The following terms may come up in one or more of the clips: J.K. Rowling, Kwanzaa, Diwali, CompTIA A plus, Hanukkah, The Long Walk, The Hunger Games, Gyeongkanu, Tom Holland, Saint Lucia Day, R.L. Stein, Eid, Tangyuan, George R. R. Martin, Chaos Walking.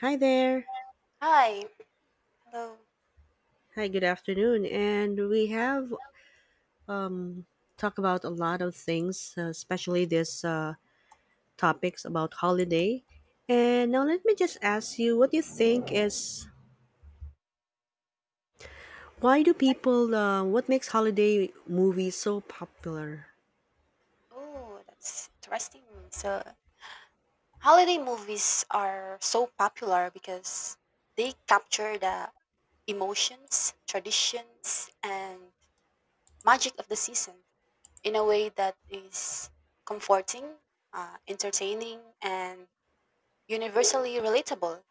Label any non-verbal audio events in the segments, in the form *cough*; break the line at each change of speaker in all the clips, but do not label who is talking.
Hi there.
Hi, hello.
Hi, good afternoon. And we have talked about a lot of things, especially this topics about holiday. And now let me just ask you, what do you think is why do people? What makes holiday movies so popular?
Oh, that's interesting. So, holiday movies are so popular because they capture the emotions, traditions, and magic of the season in a way that is comforting, entertaining, and universally relatable.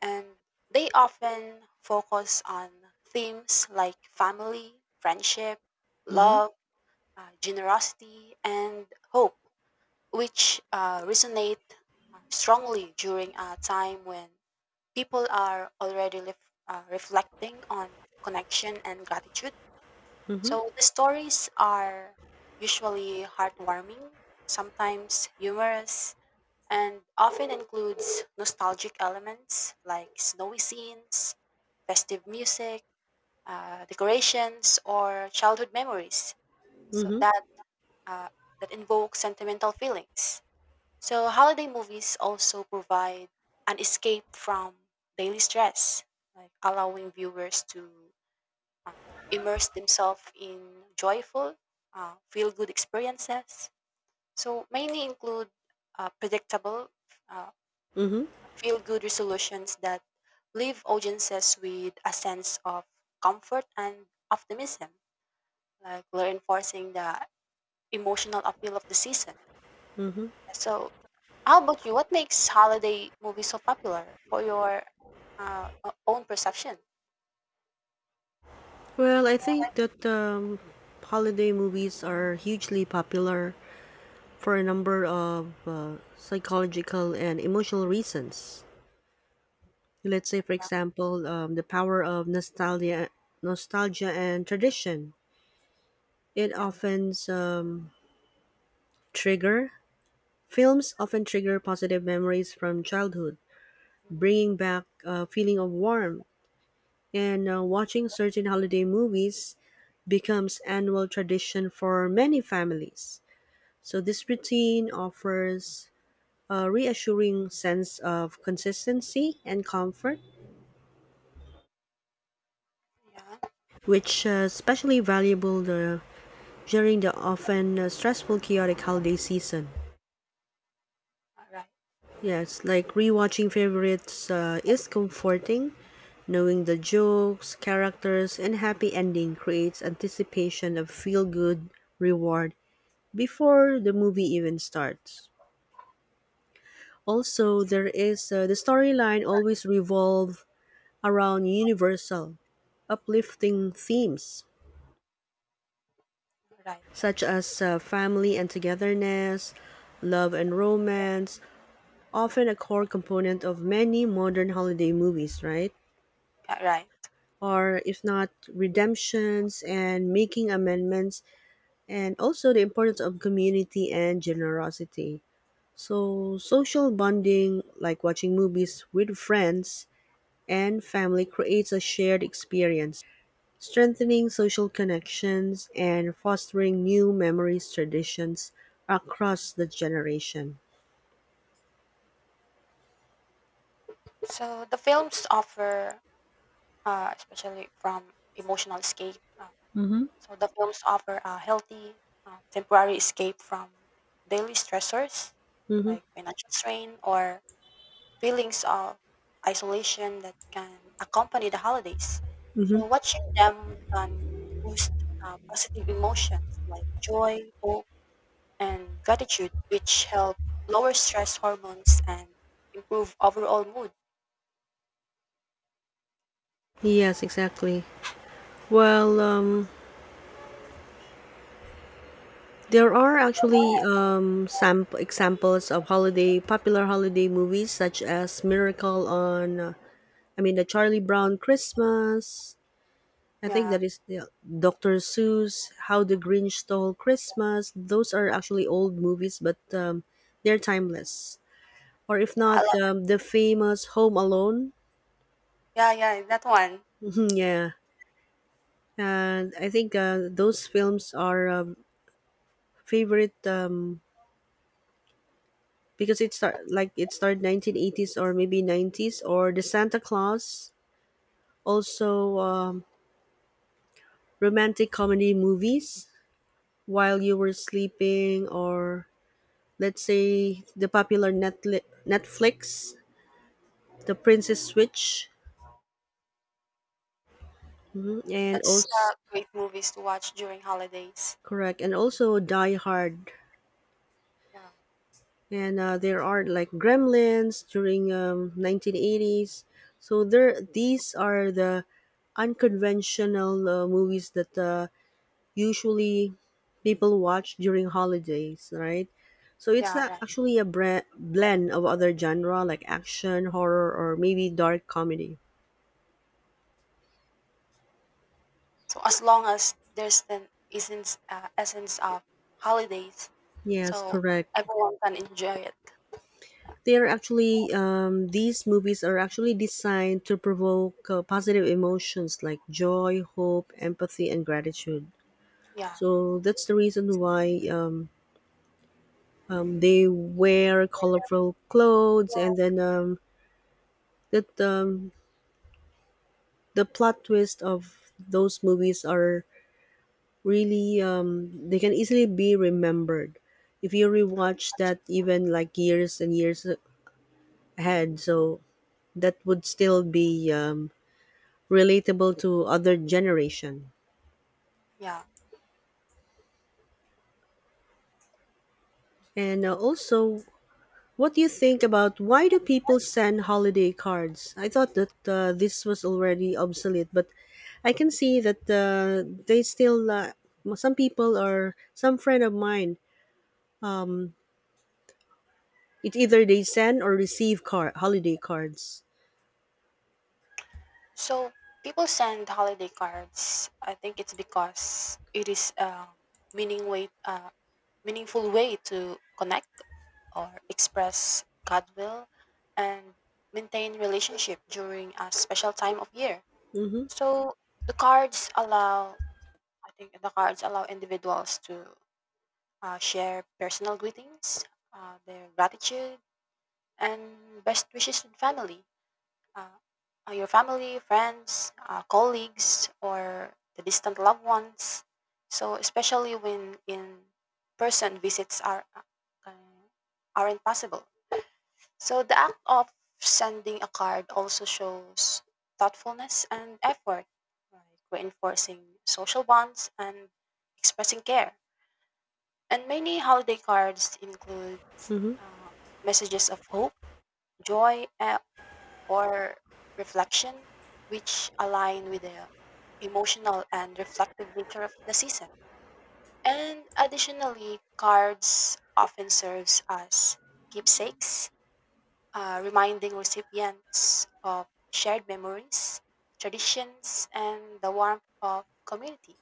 And they often focus on themes like family, friendship,
Mm-hmm.
love, generosity, and hope which resonate strongly during a time when people are already reflecting on connection and gratitude.
Mm-hmm.
So the stories are usually heartwarming, sometimes humorous, and often includes nostalgic elements like snowy scenes, festive music, decorations, or childhood memories. So
Mm-hmm.
that uh, that invoke sentimental feelings. So, holiday movies also provide an escape from daily stress, like allowing viewers to um, immerse themselves in joyful, feel good experiences. So, mainly include predictable, uh,
Mm-hmm.
feel good resolutions that leave audiences with a sense of comfort and optimism, like reinforcing the emotional appeal of the season. So, how about you? What makes holiday movies so popular for your own perception?
Well, I think that holiday movies are hugely popular for a number of psychological and emotional reasons. Let's say, for
Uh,
example, the power of nostalgia and tradition. It
Yeah,
often trigger Films often trigger positive memories from childhood,
mhm,
bringing back a feeling of warmth. And watching certain holiday movies becomes annual tradition for many families. So this routine offers a reassuring sense of consistency and comfort,
yeah,
which especially valuable the during the often stressful, chaotic holiday season.
right,
Yes, like rewatching favorites is comforting. Knowing the jokes, characters, and happy ending creates anticipation of feel good reward before the movie even starts. Also, there is the storyline always revolve around universal, uplifting themes
right, right,
such as family and togetherness, love and romance, often a core component of many modern holiday movies, right?
yeah, right.
Or if not, redemptions and making amendments, and also the importance of community and generosity. So, social bonding, like watching movies with friends and family, creates a shared experience, strengthening social connections and fostering new memories, traditions across the generation.
So the films offer, especially from emotional escape. So the films offer a healthy, temporary escape from daily stressors
Mm-hmm.
like financial strain or feelings of isolation that can accompany the holidays.
Mm-hmm.
So, watching them can boost positive emotions like joy, hope, and gratitude, which help lower stress hormones and improve overall mood.
Yes, exactly. Well, there are actually some examples of holiday popular holiday movies such as Miracle on I mean the Charlie Brown Christmas. I think that
Yeah,
is yeah, Dr. Seuss, How the Grinch Stole Christmas. Those are actually old movies, but they're timeless. Or if
yeah, I
not,
love that
the
movie.
famous Home Alone.
Yeah, yeah, that one.
*laughs* Yeah, and I think those films are favorite because it started 1980s or maybe 90s, or the Santa Claus, also romantic comedy movies, While You Were Sleeping, or let's say the popular Netflix The Princess Switch, mhm,
Yeah,
and
that's
also
great movies to watch during holidays.
correct, and also Die Hard,
Yeah,
and there are like Gremlins during 1980s. So there these are the unconventional movies that usually people watch during holidays, right? So it's
yeah, right.
actually a blend of other genre like action, horror, or maybe dark comedy.
So as long as there's an essence of holidays,
Yes,
so
correct.
everyone can enjoy it.
They are actually these movies are actually designed to provoke positive emotions like joy, hope, empathy, and gratitude.
Yeah,
So that's the reason why they wear colorful clothes, and then that the plot twists of those movies are really they can easily be remembered if you rewatch that even like years and years ahead, so that would still be relatable to other generation.
yeah.
And also, what do you think about why do people send holiday cards? I thought that this was already obsolete, but I can see that they still some people or some friend of mine, um, it's either they send or receive card holiday cards.
So people send holiday cards. I think it's because it is a meaning way, uh, meaningful way to connect or express goodwill and maintain relationship during a special time of year.
Mhm.
So the cards allow. I think the cards allow individuals to share personal greetings, their gratitude, and best wishes to family, uh, your family, friends, colleagues, or the distant loved ones. So especially when in person visits are uh, aren't possible. So the act of sending a card also shows thoughtfulness and effort, like reinforcing social bonds and expressing care. And many holiday cards include
Mhm.
uh, messages of hope, joy, or reflection, which align with the emotional and reflective nature of the season. And additionally, cards often serves as keepsakes, reminding recipients of shared memories, traditions, and the warmth of community.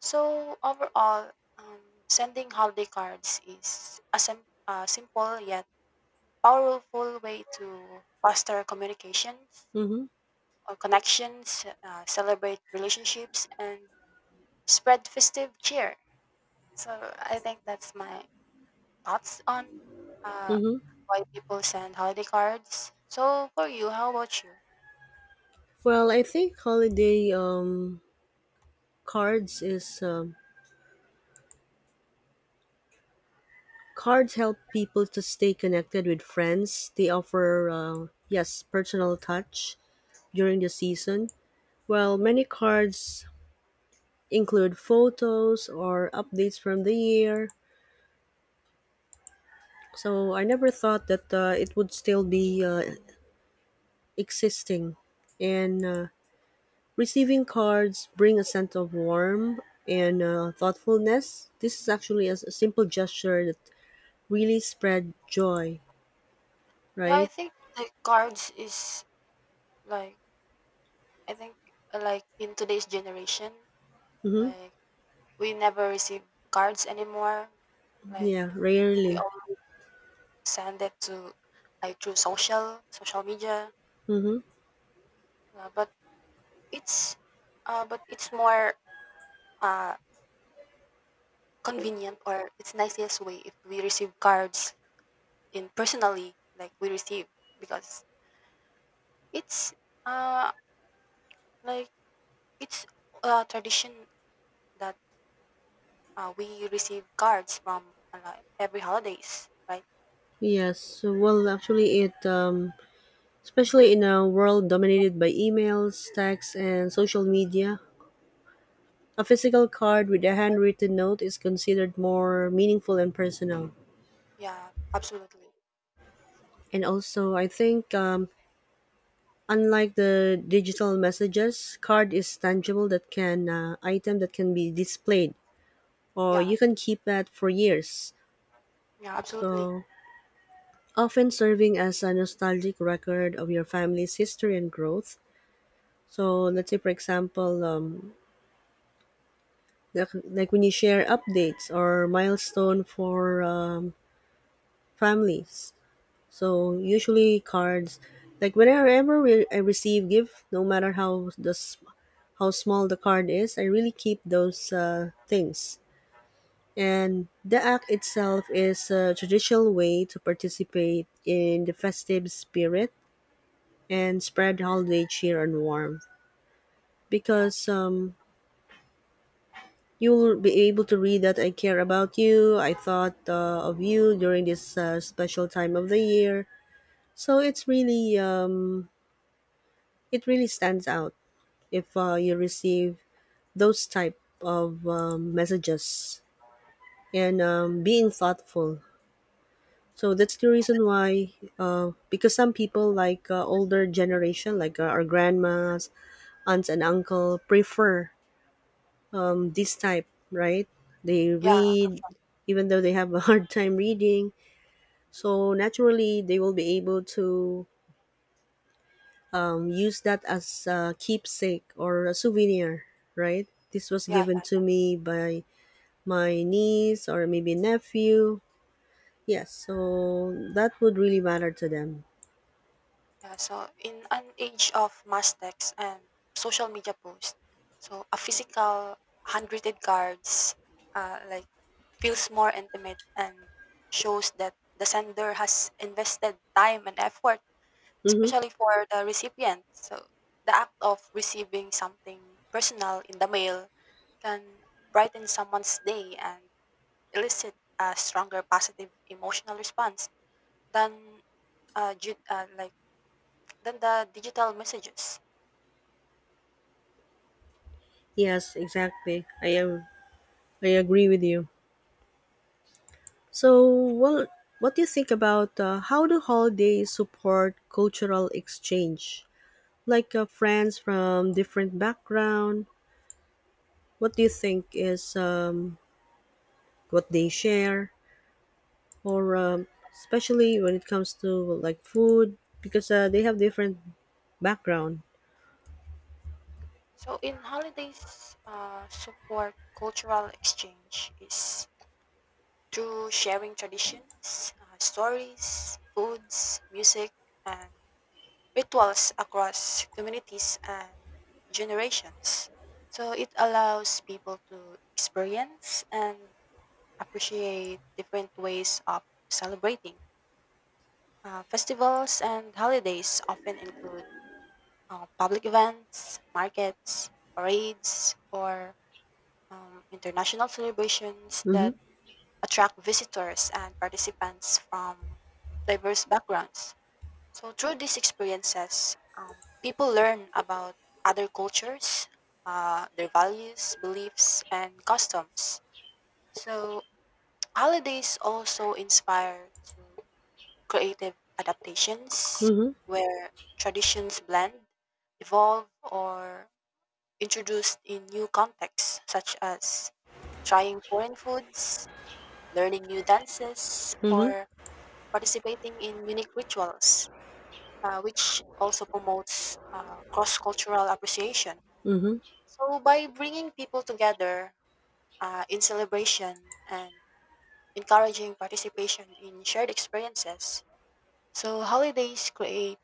So overall, um, sending holiday cards is a simple yet powerful way to foster communications
Mhm.
or connections, celebrate relationships, and spread festive cheer. So I think that's my thoughts on uh,
Mhm.
why people send holiday cards. So for you, how about you?
Well, I think holiday cards is cards help people to stay connected with friends. They offer yes, personal touch during the season. Well, many cards include photos or updates from the year. So I never thought that it would still be existing. And receiving cards bring a sense of warmth and thoughtfulness. This is actually a simple gesture that really spread joy,
Yeah, I
right?
think the cards is like I think like in today's generation,
Mm-hmm.
like we never receive cards anymore. Like
Yeah,
we
rarely.
all send it to like through social media,
Mm-hmm.
uh, but it's but it's more uh, convenient or it's nicest way if we receive cards in personally like we receive because it's uh like it's a tradition that we receive cards from like every holidays, right?
Yes. Actually, it especially in a world dominated by emails, texts, and social media, a physical card with a handwritten note is considered more meaningful and personal.
Yeah, absolutely.
And also, I think unlike the digital messages, card is tangible that can item that can be displayed, or
Yeah,
you can keep that for years.
yeah, yeah absolutely.
So often serving as a nostalgic record of your family's history and growth. So let's say for example, when you share updates or milestone for families. So usually cards, like whenever I receive gift, no matter how small the card is, I really keep those things. And the act itself is a traditional way to participate in the festive spirit and spread holiday cheer and warmth.
Yeah,
Because you'll be able to read that I care about you, I thought of you during this special time of the year. So it's really, it really stands out if you receive those type of messages and being thoughtful. So that's the
yes.
reason why, because some people like older generation, like our grandmas, aunts, and uncle, prefer this type, right? They
Yeah.
read, even though they have a *laughs* hard time reading. So naturally, they will be able to use that as a keepsake or a souvenir, right? This was
Yeah,
given
yeah,
to me by my niece or maybe nephew. Yes, so that would really matter to them.
yeah. So in an age of mass text and social media posts, so a physical handwritten cards uh, like feels more intimate and shows that the sender has invested time and effort,
Mm-hmm.
especially for the recipient. So the act of receiving something personal in the mail can brighten someone's day and elicit a stronger positive emotional response than uh, ju- uh, like than the digital messages.
Yes, exactly. I am. I agree with you. So, well, what do you think about how do holidays support cultural exchange? Like friends from different background, what do you think is what they share, or especially when it comes to like food, because they have different background.
So in holidays, support cultural exchange is through sharing traditions, stories, foods, music, and rituals across communities and generations. So it allows people to experience and appreciate different ways of celebrating. Festivals and holidays often include public events, markets, parades, or international celebrations
Mm-hmm.
that attract visitors and participants from diverse backgrounds. So, through these experiences, people learn about other cultures, their values, beliefs, and customs. So, holidays also inspire to creative adaptations
Mm-hmm.
where traditions blend, evolve, or introduced in new contexts, such as trying foreign foods, learning new dances,
Mm-hmm.
or participating in unique rituals, which also promotes cross cultural appreciation.
Mm-hmm.
So, by bringing people together in celebration and encouraging participation in shared experiences, so holidays create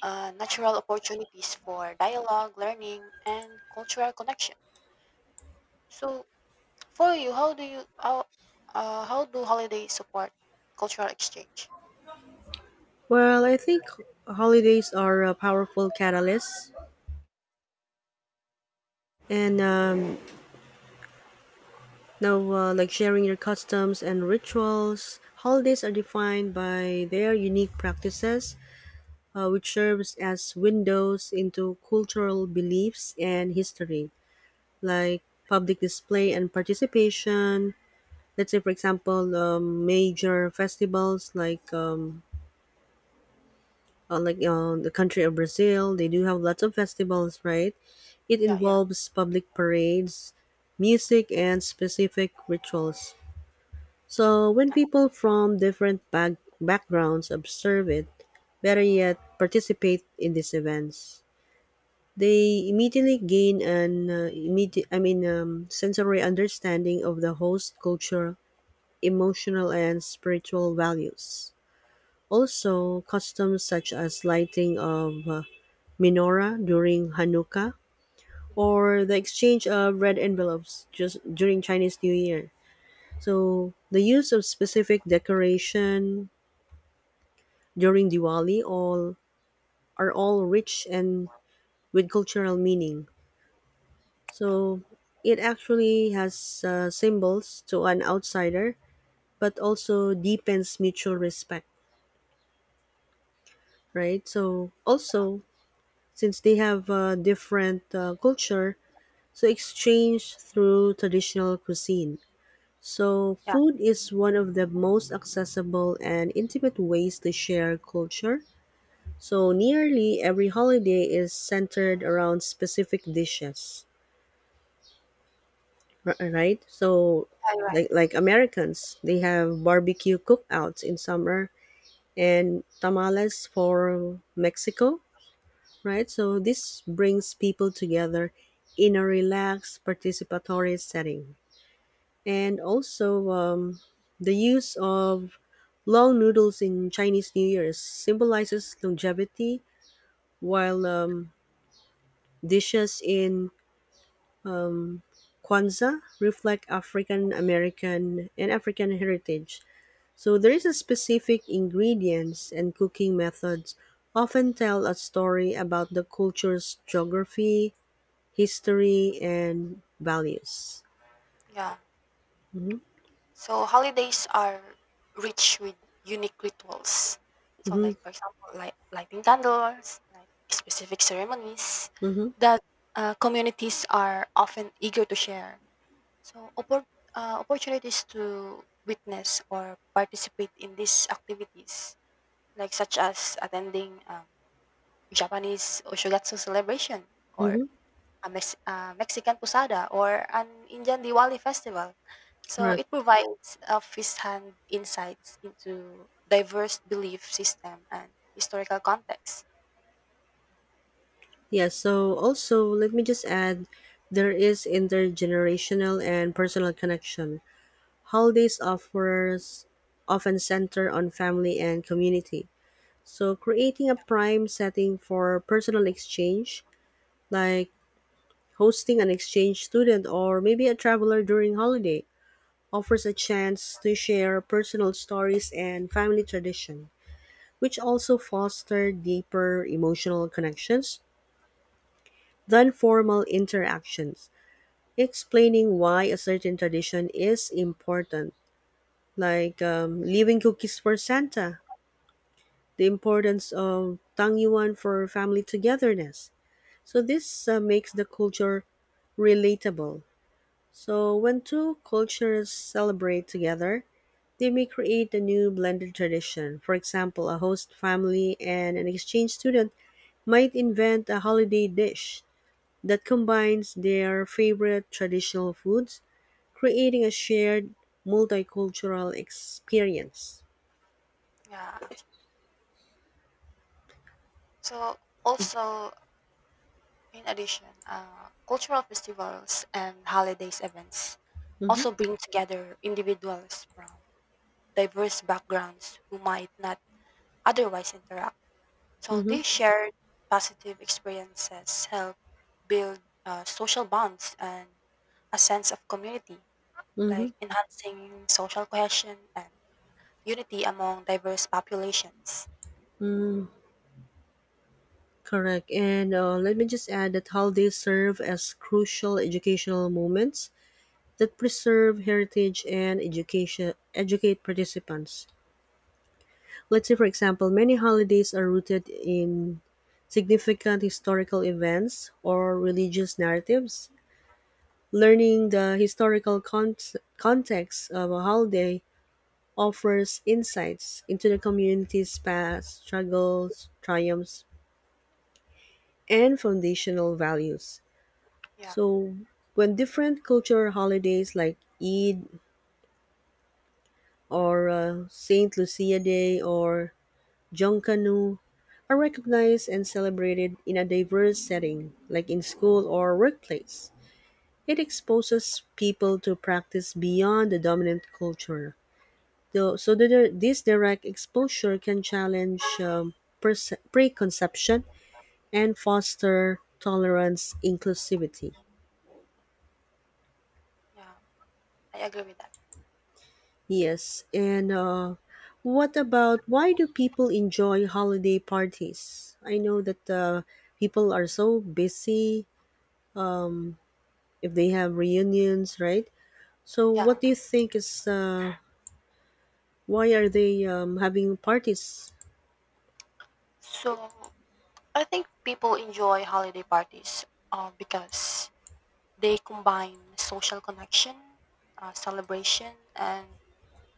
natural opportunities for dialogue, learning, and cultural connection. So, for you, how do holidays support cultural exchange?
Well, I think holidays are a powerful catalyst, and like sharing your customs and rituals, holidays are defined by their unique practices, which serves as windows into cultural beliefs and history, like public display and participation. Let's say, for example, major festivals like the country of Brazil, they do have lots of festivals, right? It
Yeah, yeah,
involves public parades, music, and specific rituals. So, when
yeah,
people from different backgrounds observe it, better yet, participate in these events, they immediately gain an immediate, I mean, sensory understanding of the host culture, emotional and spiritual values. Also, customs such as lighting of menorah during Hanukkah,
hmm,
or the exchange of red envelopes just during Chinese New Year. So, the use of specific decoration during Diwali all are all rich and with cultural meaning.
yeah,
So it actually has symbols to an outsider, but also deepens mutual respect, right? So also, since they have a different culture, so exchange through traditional cuisine. So
yeah.
food is one of the most accessible and intimate ways to share culture. So nearly every holiday is centered around specific dishes, right? So
I- Right, right.
like Americans, they have barbecue cookouts in summer and tamales for Mexico, right? So this brings people together in a relaxed participatory setting. And also the use of long noodles in Chinese New Year symbolizes longevity, while dishes in Kwanzaa reflect African American and African heritage. So there is a specific ingredients and cooking methods often tell a story about the culture's geography, history, and values.
Yeah.
Mm-hmm,
So holidays are rich with unique rituals. So,
mm-hmm,
like for example, like lighting candles, like specific ceremonies
mm-hmm,
that communities are often eager to share. So, opportunities to witness or participate in these activities, like such as attending Japanese Oshogatsu celebration or
mm-hmm.
a Mexican posada or an Indian Diwali festival. So
Correct.
it provides a first-hand insights into diverse belief system and historical context.
Yeah. So also, let me just add, there is intergenerational and personal connection. Holidays offers often center on family and community. So, creating a prime setting for personal exchange, like hosting an exchange student or maybe a traveler during holiday, offers a chance to share personal stories and family tradition, which also foster deeper emotional connections than formal interactions, explaining why a certain tradition is important, like leaving cookies for Santa, the importance of Tangyuan for family togetherness. So this makes the culture relatable. So when two cultures celebrate together, they may create a new blended tradition. For example, a host family and an exchange student might invent a holiday dish that combines their favorite traditional foods, creating a shared multicultural experience.
Yeah. So also in addition, cultural festivals and holidays events
Mm-hmm.
also bring together individuals from diverse backgrounds who might not otherwise interact. So these
Mm-hmm.
shared positive experiences help build social bonds and a sense of community,
Mm-hmm.
like enhancing social cohesion and unity among diverse populations.
Mm, correct. And let me just add that holidays serve as crucial educational moments that preserve heritage and educate participants. Let's say, for example, many holidays are rooted in significant historical events or religious narratives. Learning the context of a holiday offers insights into the community's past, struggles, triumphs, and foundational values.
Yeah,
So, when different cultural holidays like Eid or Saint Lucia Day or Gyeongkanu are recognized and celebrated in a diverse setting, like in school or workplace, it exposes people to practice beyond the dominant culture. This direct exposure can challenge preconception and foster tolerance, inclusivity.
yeah, I agree with that.
Yes, and what about why do people enjoy holiday parties? I know that people are so busy if they have reunions, right? So
Yeah.
what do you think is why are they having parties?
So I think people enjoy holiday parties because they combine social connection, celebration, and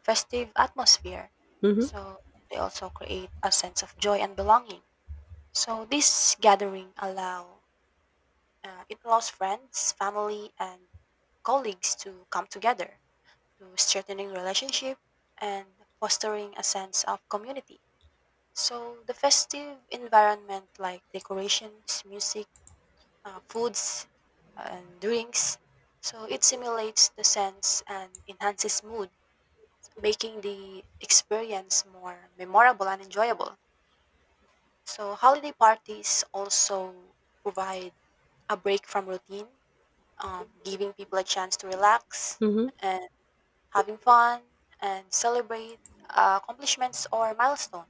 festive atmosphere.
Mm-hmm.
So they also create a sense of joy and belonging. So this gathering allow it allows friends, family, and colleagues to come together to strengthening relationship and fostering a sense of community. So the festive environment like decorations, music, foods, and drinks, so it simulates the sense and enhances mood, making the experience more memorable and enjoyable. So holiday parties also provide a break from routine, giving people a chance to relax
Mm-hmm.
and having fun and celebrate accomplishments or milestone.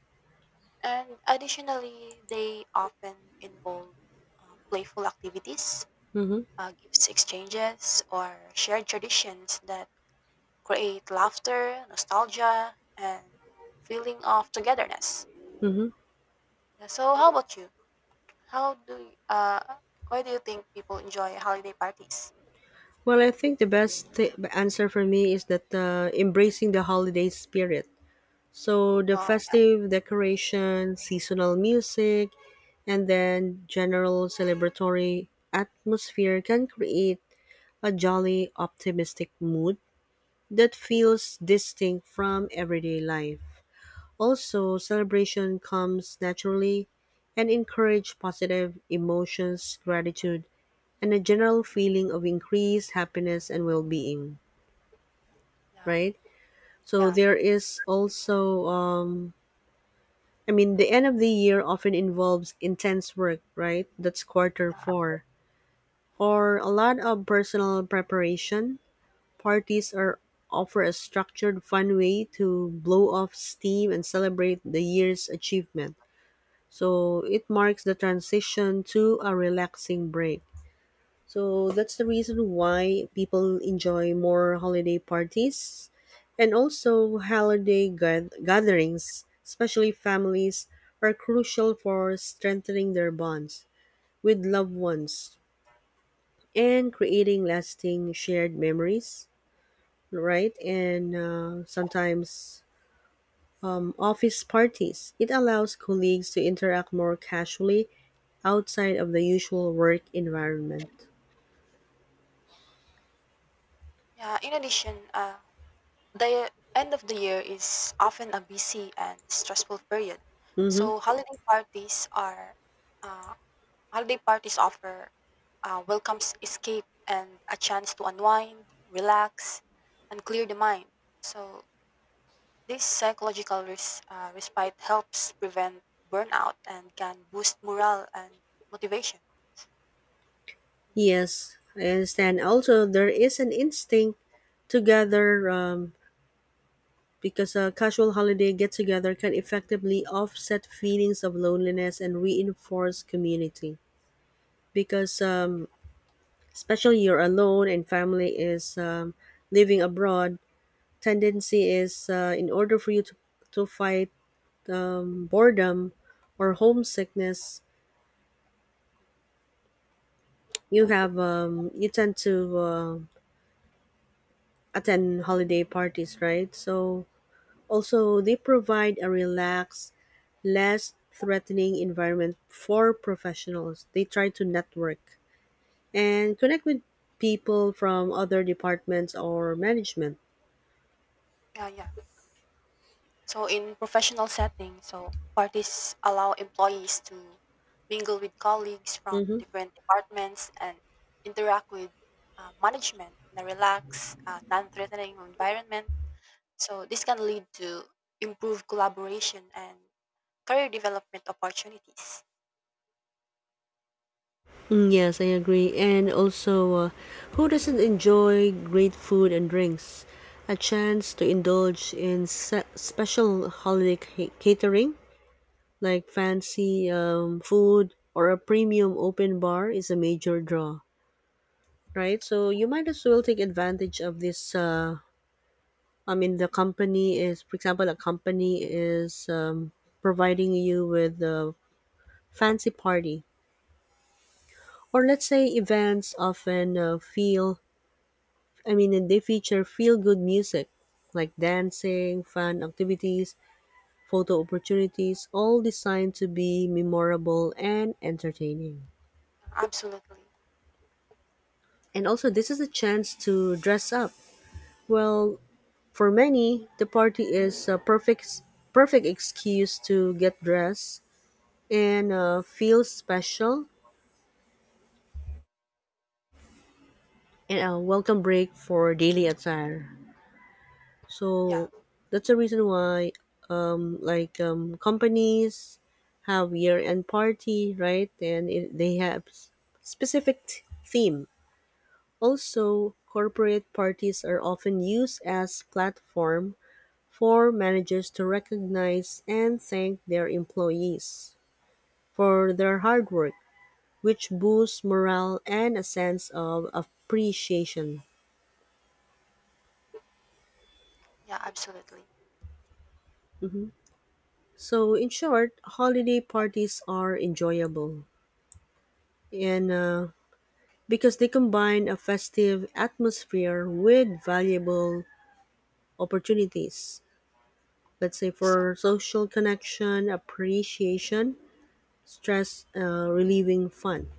And additionally, they often involve playful activities,
Mm-hmm.
gifts exchanges, or shared traditions that create laughter, nostalgia, and feeling of togetherness.
Mm-hmm.
Yeah, so, how about you? How do you, uh, why do you think people enjoy holiday parties?
Well, I think the best answer for me is that embracing the holiday spirit. So the
Oh,
festive decoration, seasonal music, and then general celebratory atmosphere can create a jolly, optimistic mood that feels distinct from everyday life. Also, celebration comes naturally and encourage positive emotions, gratitude, and a general feeling of increased happiness and well-being,
yeah,
right? So
yeah,
there is also the end of the year often involves intense work, right? That's quarter
yeah.
4 or a lot of personal preparation. Parties are offer a structured fun way to blow off steam and celebrate the year's achievement. So it marks the transition to a relaxing break. So that's the reason why people enjoy more holiday parties, and also holiday gatherings, especially families, are crucial for strengthening their bonds with loved ones and creating lasting shared memories, right? And Sometimes office parties. It allows colleagues to interact more casually outside of the usual work environment.
Yeah, in addition, the end of the year is often a busy and stressful period.
Mm-hmm.
So uh, holiday parties offer welcomes escape and a chance to unwind, relax, and clear the mind. So this psychological respite helps prevent burnout and can boost morale and motivation.
Yes, I understand. Also, there is an instinct to gather, because a casual holiday get together can effectively offset feelings of loneliness and reinforce community. Because, um, Especially you're alone and family is, living abroad, tendency is, in order for you to fight boredom or homesickness, you
Yeah,
have you tend to attend holiday parties, right? So also they provide a relaxed, less threatening environment for professionals. They try to network and connect with people from other departments or management.
yeah, yeah. So in professional settings, so parties allow employees to mingle with colleagues from different departments and interact with management in a relaxed, non-threatening environment. So this can lead to improved collaboration and career development opportunities.
Mm, yes, I agree. Who doesn't enjoy great food and drinks? A chance to indulge in special holiday catering like fancy food or a premium open bar is a major draw, right? So
Yeah,
you might as well take advantage of this. The company is, for example, a company is providing you with a fancy party. Or let's say events often feel I mean, and they feature feel good music like dancing, fun activities, photo opportunities, all designed to be memorable and entertaining.
absolutely.
And also, this is a chance to dress up. Well, for many, the party is a perfect excuse to get dressed and feel special and a welcome break for daily attire.
Yeah,
So that's the reason why, companies have year-end party, right? They have specific theme. Also, corporate parties are often used as platform for managers to recognize and thank their employees for their hard work, which boosts morale and a sense of appreciation.
yeah, absolutely.
So, in short, holiday parties are enjoyable, and because they combine a festive atmosphere with valuable opportunities. Let's say
So.
for social connection, appreciation, stress relieving fun.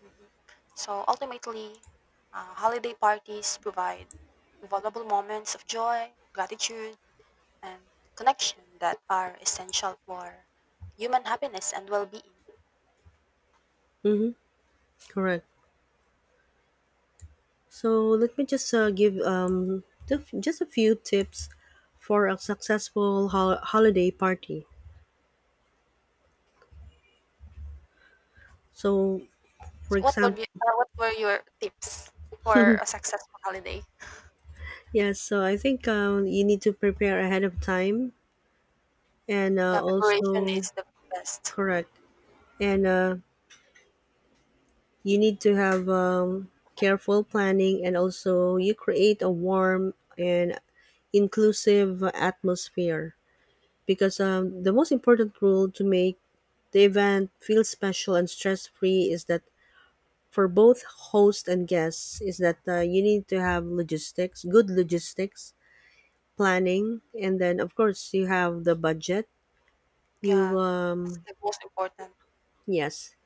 Mhm. So ultimately, holiday parties provide valuable moments of joy, gratitude, and connection that are essential for human happiness and well-being.
Correct. So let me just give, just a few tips for a successful holiday party. So, for
So what would
example,
be, what were your tips for a successful holiday?
yes, so I think you need to prepare ahead of time and
Yeah, preparation
also
is the best.
correct, and you need to have careful planning, and also you create a warm and inclusive atmosphere because the most important rule to make the event feel special and stress free, is that for both host and guests, is that you need to have logistics good logistics planning, and then of course you have the budget you
Yeah, that's the most important.
Yes,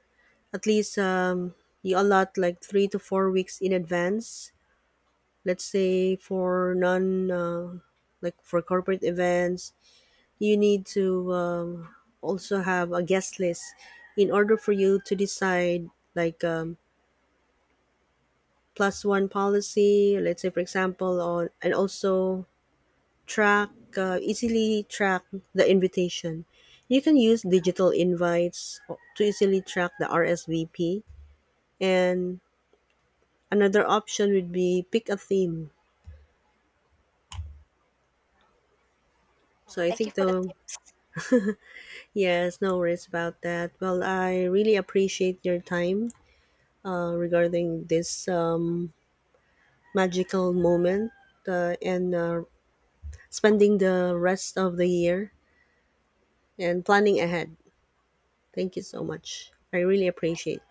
at least, you allot like 3 to 4 weeks in advance, let's say for non like for corporate events, you need to, also have a guest list in order for you to decide, like, plus one policy, let's say for example. On And also track, easily track the invitation. You can use digital invites to easily track the RSVP, and another option would be pick a theme.
Oh,
So I
thank you
think
for the
the
tips.
Yes, no worries about that. Well, I really appreciate your time regarding this, magical moment, and spending the rest of the year and planning ahead. Thank you so much. I really
Thank
appreciate.